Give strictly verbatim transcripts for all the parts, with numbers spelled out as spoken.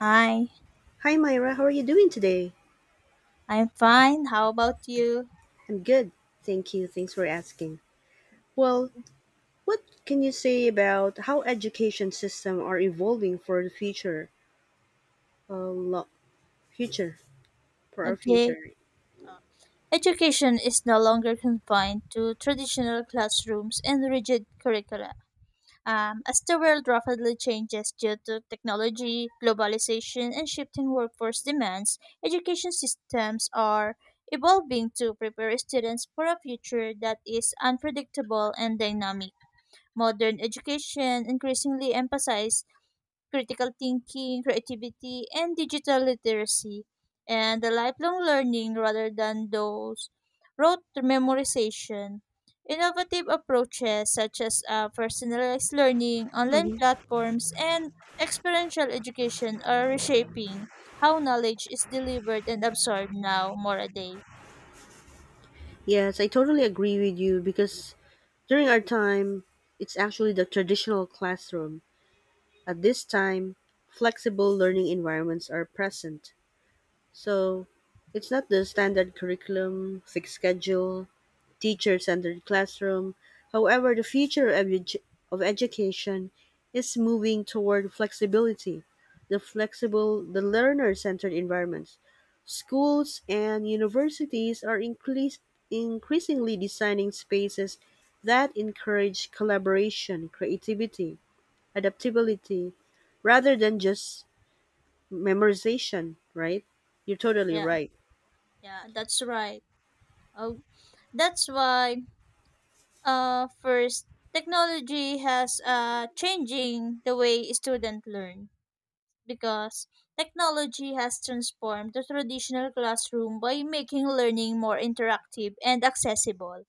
Hi, Hi Myra, how are you doing today? I'm fine. How about you? I'm good. Thank you. Thanks for asking. Well, what can you say about how education system are evolving for the future? Uh, lo- future for our Okay. future. Uh, Education is no longer confined to traditional classrooms and rigid curricula. Um, as the world rapidly changes due to technology, globalization, and shifting workforce demands, education systems are evolving to prepare students for a future that is unpredictable and dynamic. Modern education increasingly emphasizes critical thinking, creativity, and digital literacy, and the lifelong learning rather than those rote memorization. Innovative approaches such as uh, personalized learning, online Hmm. platforms, and experiential education are reshaping how knowledge is delivered and absorbed now more a day. Yes, I totally agree with you because during our time, it's actually the traditional classroom. At this time, flexible learning environments are present. So, it's not the standard curriculum, fixed schedule, teacher-centered classroom. However, the future of, edu- of education is moving toward flexibility, the flexible, the learner-centered environments. Schools and universities are increas- increasingly designing spaces that encourage collaboration, creativity, adaptability, rather than just memorization, right? You're totally Yeah, right. yeah, that's right. Oh, that's why. Uh, first, technology has uh, changing the way students learn because technology has transformed the traditional classroom by making learning more interactive and accessible.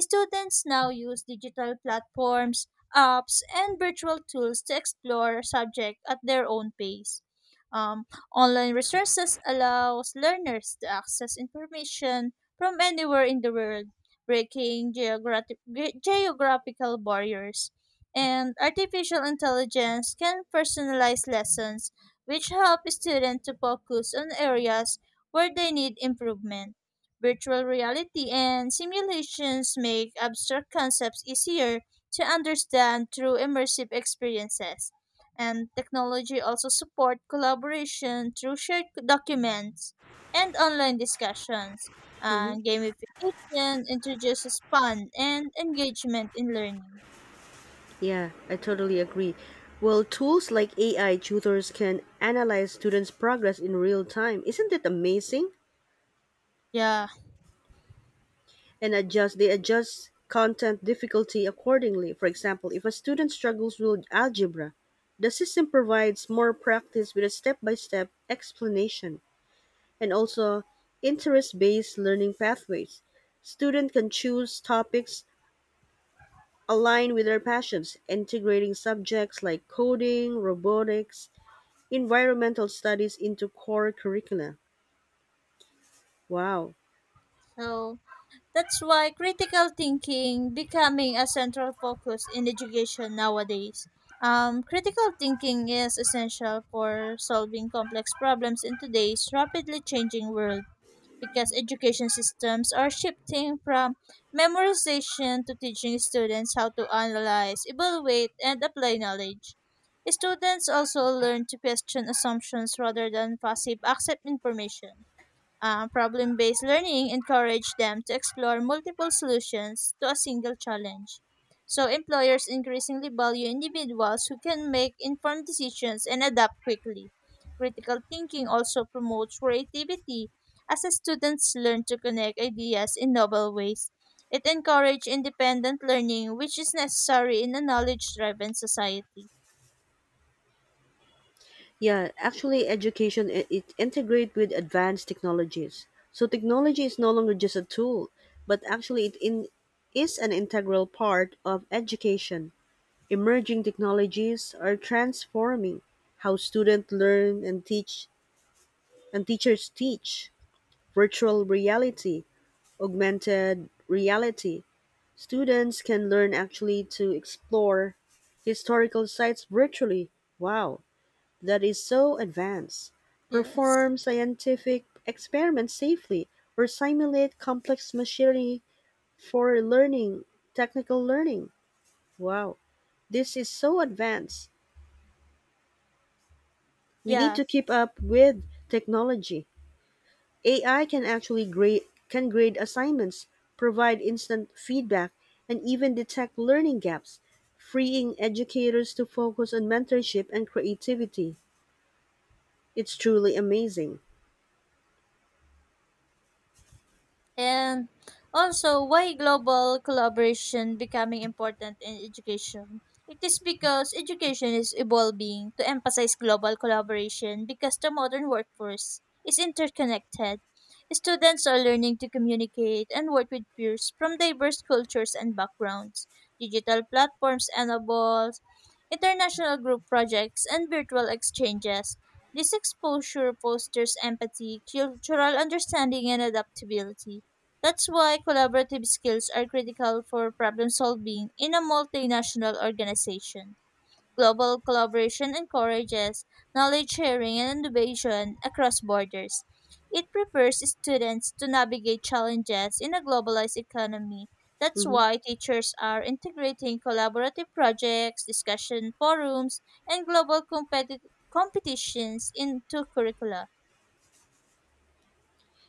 Students now use digital platforms, apps, and virtual tools to explore subject at their own pace. Um, Online resources allows learners to access information from anywhere in the world, breaking geographic, geographical barriers, and artificial intelligence can personalize lessons which help students to focus on areas where they need improvement. Virtual reality and simulations make abstract concepts easier to understand through immersive experiences. And technology also support collaboration through shared documents and online discussions. And gamification introduces fun and engagement in learning. Yeah, I totally agree. Well, tools like A I tutors can analyze students' progress in real time. Isn't it amazing? Yeah. And adjust they adjust content difficulty accordingly. For example, if a student struggles with algebra, the system provides more practice with a step-by-step explanation, and also interest-based learning pathways. Students can choose topics aligned with their passions, integrating subjects like coding, robotics, environmental studies into core curricula. Wow. So, that's why critical thinking becoming a central focus in education nowadays. Um, critical thinking is essential for solving complex problems in today's rapidly changing world because education systems are shifting from memorization to teaching students how to analyze, evaluate, and apply knowledge. Students also learn to question assumptions rather than passive accept information. Uh, problem based learning encourages them to explore multiple solutions to a single challenge. So, employers increasingly value individuals who can make informed decisions and adapt quickly. Critical thinking also promotes creativity as the students learn to connect ideas in novel ways. It encourages independent learning, which is necessary in a knowledge driven society. Yeah, actually, education i- it integrates with advanced technologies. So technology is no longer just a tool, but actually it in, is an integral part of education. Emerging technologies are transforming how students learn and teach, and teachers teach. Virtual reality, augmented reality, students can learn actually to explore historical sites virtually. Wow, that is so advanced. Yes. Perform scientific experiments safely or simulate complex machinery for learning, technical learning. Wow, this is so advanced. We need Yeah. to keep up with technology. A I can actually grade can grade assignments, provide instant feedback, and even detect learning gaps, freeing educators to focus on mentorship and creativity. It's truly amazing. And also, why global collaboration becoming important in education? It is because education is evolving to emphasize global collaboration because the modern workforce is interconnected. Students are learning to communicate and work with peers from diverse cultures and backgrounds. Digital platforms enable international group projects, and virtual exchanges. This exposure fosters empathy, cultural understanding, and adaptability. That's why collaborative skills are critical for problem solving in a multinational organization. Global collaboration encourages knowledge sharing and innovation across borders. It prepares students to navigate challenges in a globalized economy. That's Mhm. why teachers are integrating collaborative projects, discussion forums, and global competi- competitions into curricula.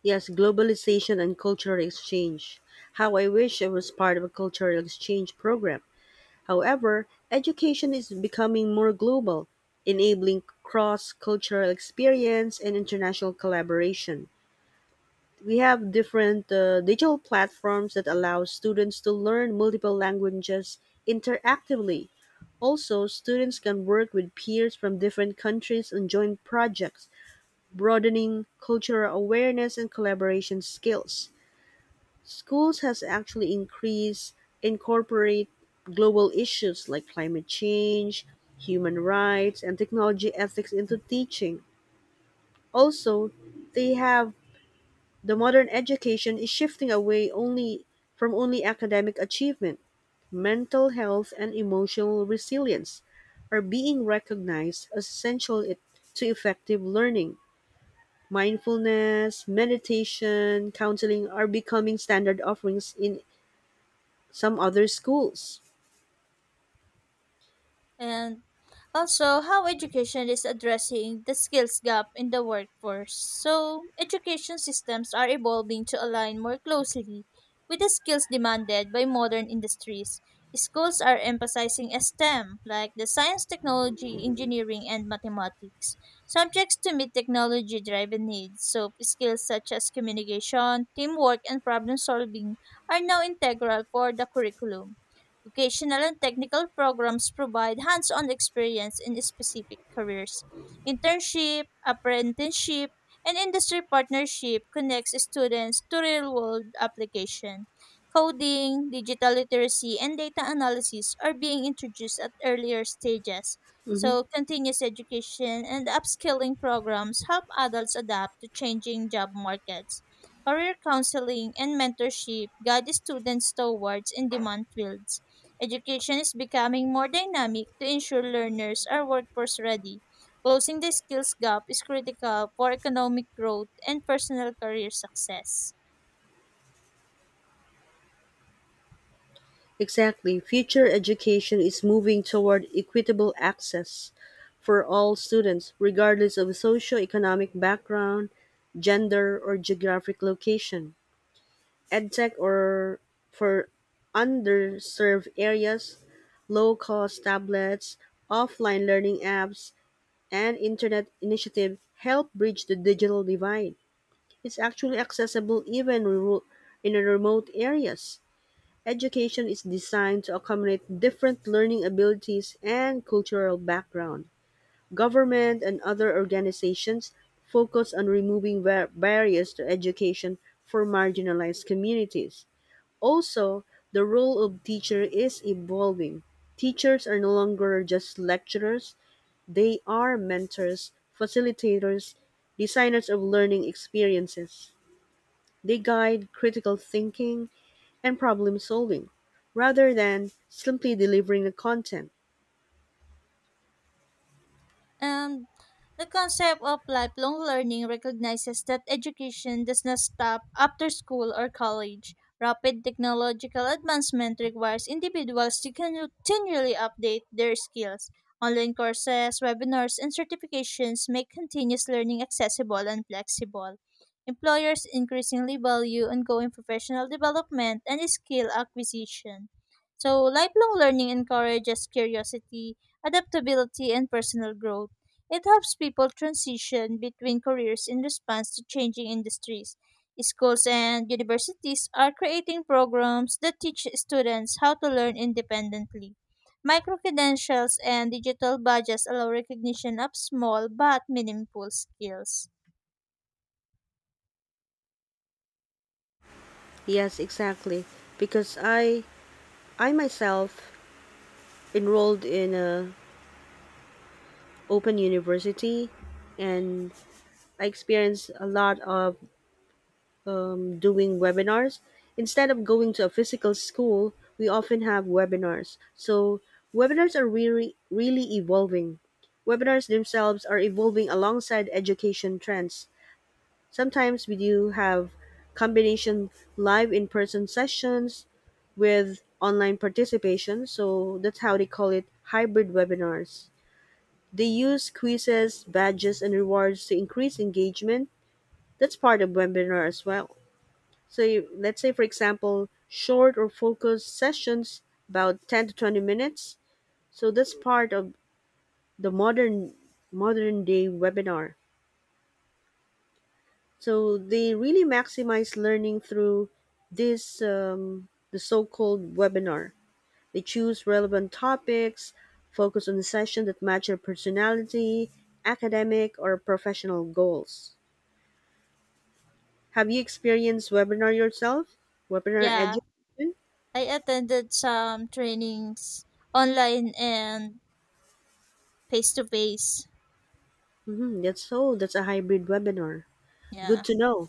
Yes, globalization and cultural exchange. How I wish I was part of a cultural exchange program. However, education is becoming more global, enabling cross cultural experience and international collaboration. We have different uh, digital platforms that allow students to learn multiple languages interactively. Also, students can work with peers from different countries on joint projects, broadening cultural awareness and collaboration skills. Schools has actually increased incorporate global issues like climate change, human rights, and technology ethics into teaching. Also, they have. The modern education is shifting away only from only academic achievement. Mental health and emotional resilience are being recognized as essential it- to effective learning. Mindfulness, meditation, counseling are becoming standard offerings in some other schools. And also, how education is addressing the skills gap in the workforce. So, education systems are evolving to align more closely with the skills demanded by modern industries. Schools are emphasizing STEM, like the science, technology, engineering, and mathematics, subjects to meet technology driven needs. So, skills such as communication, teamwork, and problem solving are now integral for the curriculum. Vocational and technical programs provide hands on experience in specific careers. Internship, apprenticeship, and industry partnership connects students to real world application. Coding, digital literacy, and data analysis are being introduced at earlier stages. Mhm. So, continuous education and upskilling programs help adults adapt to changing job markets. Career counseling and mentorship guide students towards in demand fields. Education is becoming more dynamic to ensure learners are workforce ready. Closing the skills gap is critical for economic growth and personal career success. Exactly, future education is moving toward equitable access for all students, regardless of socioeconomic background, gender, or geographic location. EdTech or for underserved areas, low cost tablets, offline learning apps, and internet initiatives help bridge the digital divide. It's actually accessible even in rural- in remote areas. Education is designed to accommodate different learning abilities and cultural background. Government and other organizations focus on removing bar- barriers to education for marginalized communities. Also, the role of teacher is evolving. Teachers are no longer just lecturers, they are mentors, facilitators, designers of learning experiences. They guide critical thinking and problem solving rather than simply delivering the content. And the concept of lifelong learning recognizes that education does not stop after school or college. Rapid technological advancement requires individuals to continually update their skills. Online courses, webinars, and certifications make continuous learning accessible and flexible. Employers increasingly value ongoing professional development and skill acquisition. So, lifelong learning encourages curiosity, adaptability, and personal growth. It helps people transition between careers in response to changing industries. Schools and universities are creating programs that teach students how to learn independently. Micro credentials and digital badges allow recognition of small but meaningful skills. Yes, exactly. Because I I myself enrolled in a open university, and I experienced a lot of um, doing webinars. Instead of going to a physical school, we often have webinars. So webinars are really really evolving. Webinars themselves are evolving alongside education trends. Sometimes we do have combination live in-person sessions with online participation, so that's how they call it hybrid webinars. They use quizzes, badges, and rewards to increase engagement. That's part of webinar as well. So you- let's say, for example, short or focused sessions about ten to twenty minutes. So that's part of the modern modern day webinar. So they really maximize learning through this um, the so-called webinar. They choose relevant topics, focus on a session that match your personality, academic, or professional goals. Have you experienced webinar yourself? Webinar education? Yeah, I attended some trainings online and face to face. Hmm, that's so. That's a hybrid webinar. Good Yeah, to know.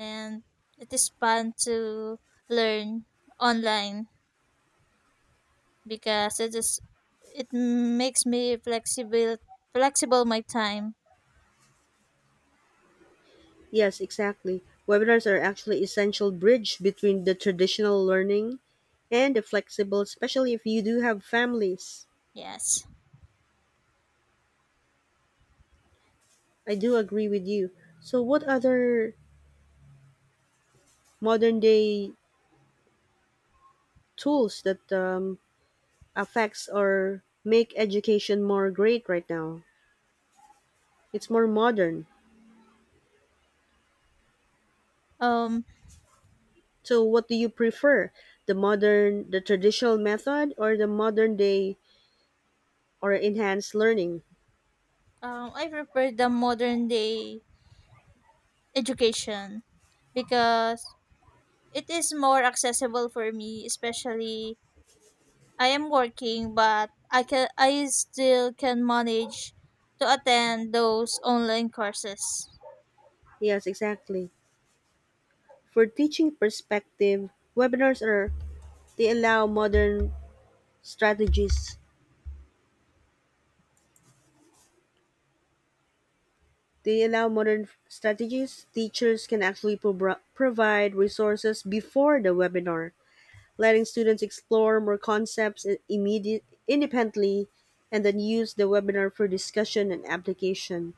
and it is fun to learn online, because it is, it makes me flexible flexible my time. Yes, exactly. Webinars are actually essential bridge between the traditional learning and the flexible, especially if you do have families. Yes. I do agree with you. So, what other modern day tools that um, affects or make education more great right now? It's more modern. Um, So, what do you prefer? The modern, the traditional method, or the modern day or enhanced learning? um I prefer the modern day education because it is more accessible for me, especially I am working, but I can I still can manage to attend those online courses. Yes, exactly. For teaching perspective, webinars are they allow modern strategies They allow modern strategies. Teachers can actually pro- provide resources before the webinar, letting students explore more concepts i- immediate, independently, and then use the webinar for discussion and application.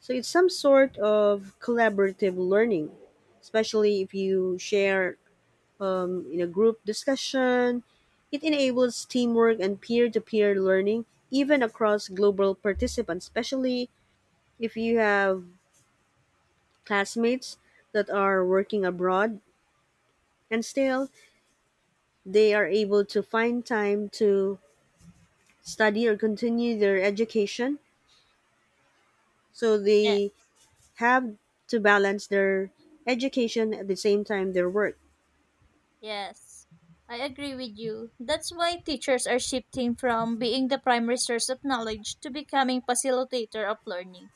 So it's some sort of collaborative learning, especially if you share um, in a group discussion. It enables teamwork and peer to peer learning, even across global participants, especially if you have classmates that are working abroad and still they are able to find time to study or continue their education, so Yeah. they have to balance their education at the same time their work. Yes, I agree with you. That's why teachers are shifting from being the primary source of knowledge to becoming facilitator of learning.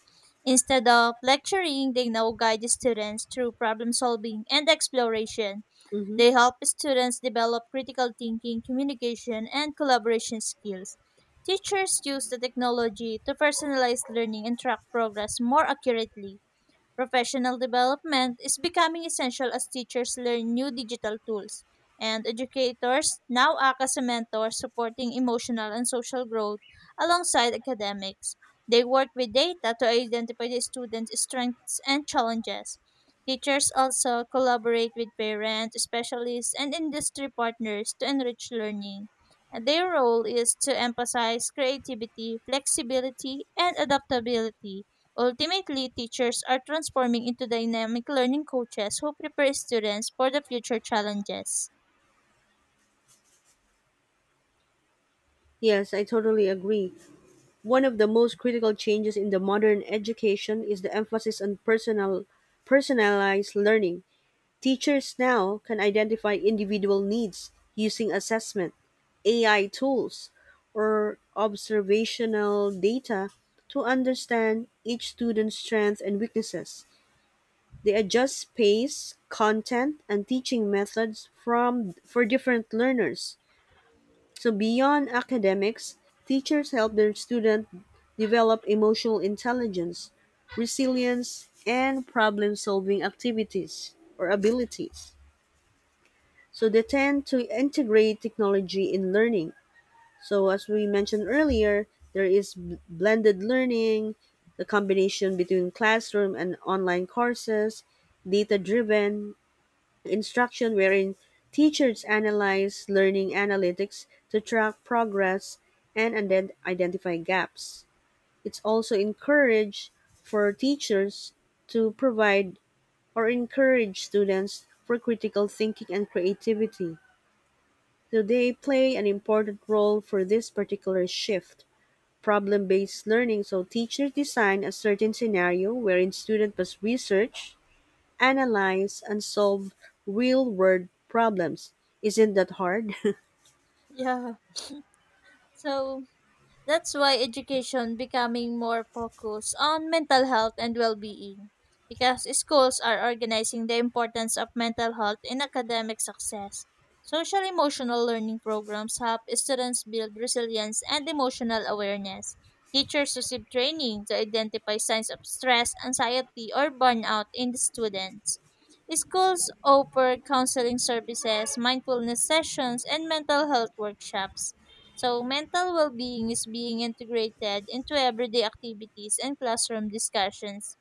Instead of lecturing, they now guide the students through problem solving and exploration. Hmm. They help students develop critical thinking, communication, and collaboration skills. Teachers use the technology to personalize learning and track progress more accurately. Professional development is becoming essential as teachers learn new digital tools, and educators now act as a mentor supporting emotional and social growth alongside academics. They work with data to identify the students' strengths and challenges. Teachers also collaborate with parents, specialists, and industry partners to enrich learning. And their role is to emphasize creativity, flexibility, and adaptability. Ultimately, teachers are transforming into dynamic learning coaches who prepare students for the future challenges. Yes, I totally agree. One of the most critical changes in the modern education is the emphasis on personal personalized learning. Teachers now can identify individual needs using assessment, A I tools, or observational data to understand each student's strengths and weaknesses. They adjust pace, content, and teaching methods from for different learners. So beyond academics, teachers help their students develop emotional intelligence, resilience, and problem-solving activities or abilities. So they tend to integrate technology in learning. So as we mentioned earlier, there is b- blended learning, the combination between classroom and online courses, data-driven instruction wherein teachers analyze learning analytics to track progress and ident- identify gaps. It's also encouraged for teachers to provide or encourage students for critical thinking and creativity. Do they play an important role for this particular shift. Problem-based learning, so teachers design a certain scenario wherein students must research, analyze, and solve real-world problems. Isn't that hard? Yeah. So, that's why education becoming more focused on mental health and well-being, because schools are organizing the importance of mental health in academic success. Social emotional learning programs help students build resilience and emotional awareness. Teachers receive training to identify signs of stress, anxiety, or burnout in the students. Schools offer counseling services, mindfulness sessions, and mental health workshops. So, mental well being is being integrated into everyday activities and classroom discussions.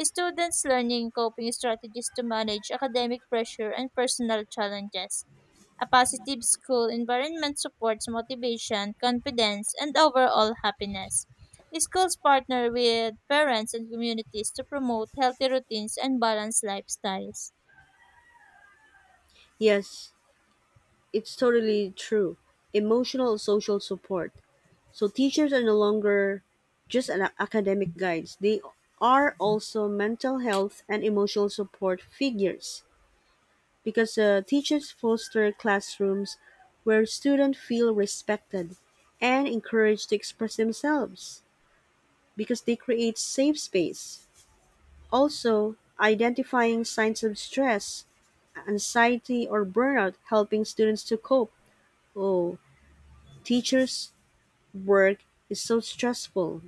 Students learning coping strategies to manage academic pressure and personal challenges. A positive school environment supports motivation, confidence, and overall happiness. Schools partner with parents and communities to promote healthy routines and balanced lifestyles. Yes, it's totally true. Emotional and social support. So teachers are no longer just an academic guides. They are also mental health and emotional support figures, because uh, teachers foster classrooms where students feel respected and encouraged to express themselves because they create safe space. Also, identifying signs of stress, anxiety, or burnout, helping students to cope. Oh, teachers' work is so stressful.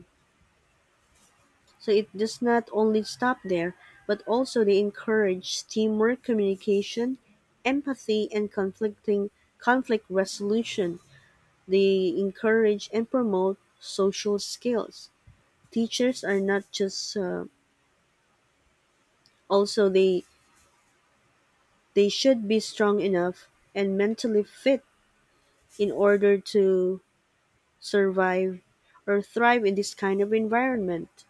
So it does not only stop there, but also they encourage teamwork, communication, empathy, and conflicting conflict resolution. They encourage and promote social skills. Teachers are not just uh, also they they should be strong enough and mentally fit in order to survive or thrive in this kind of environment.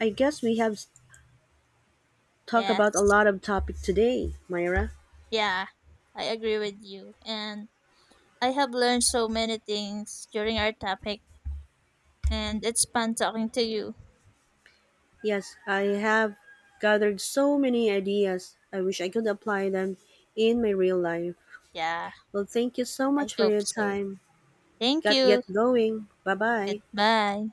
I guess we have s- talked about a Yes. lot of topic today, Myra. Yeah, I agree with you. And I have learned so many things during our topic, and it's fun talking to you. Yes, I have gathered so many ideas. I wish I could apply them in my real life. Yeah, Well, thank you so I much for hope your so. time. Thank Got get you. going. Bye bye. Goodbye.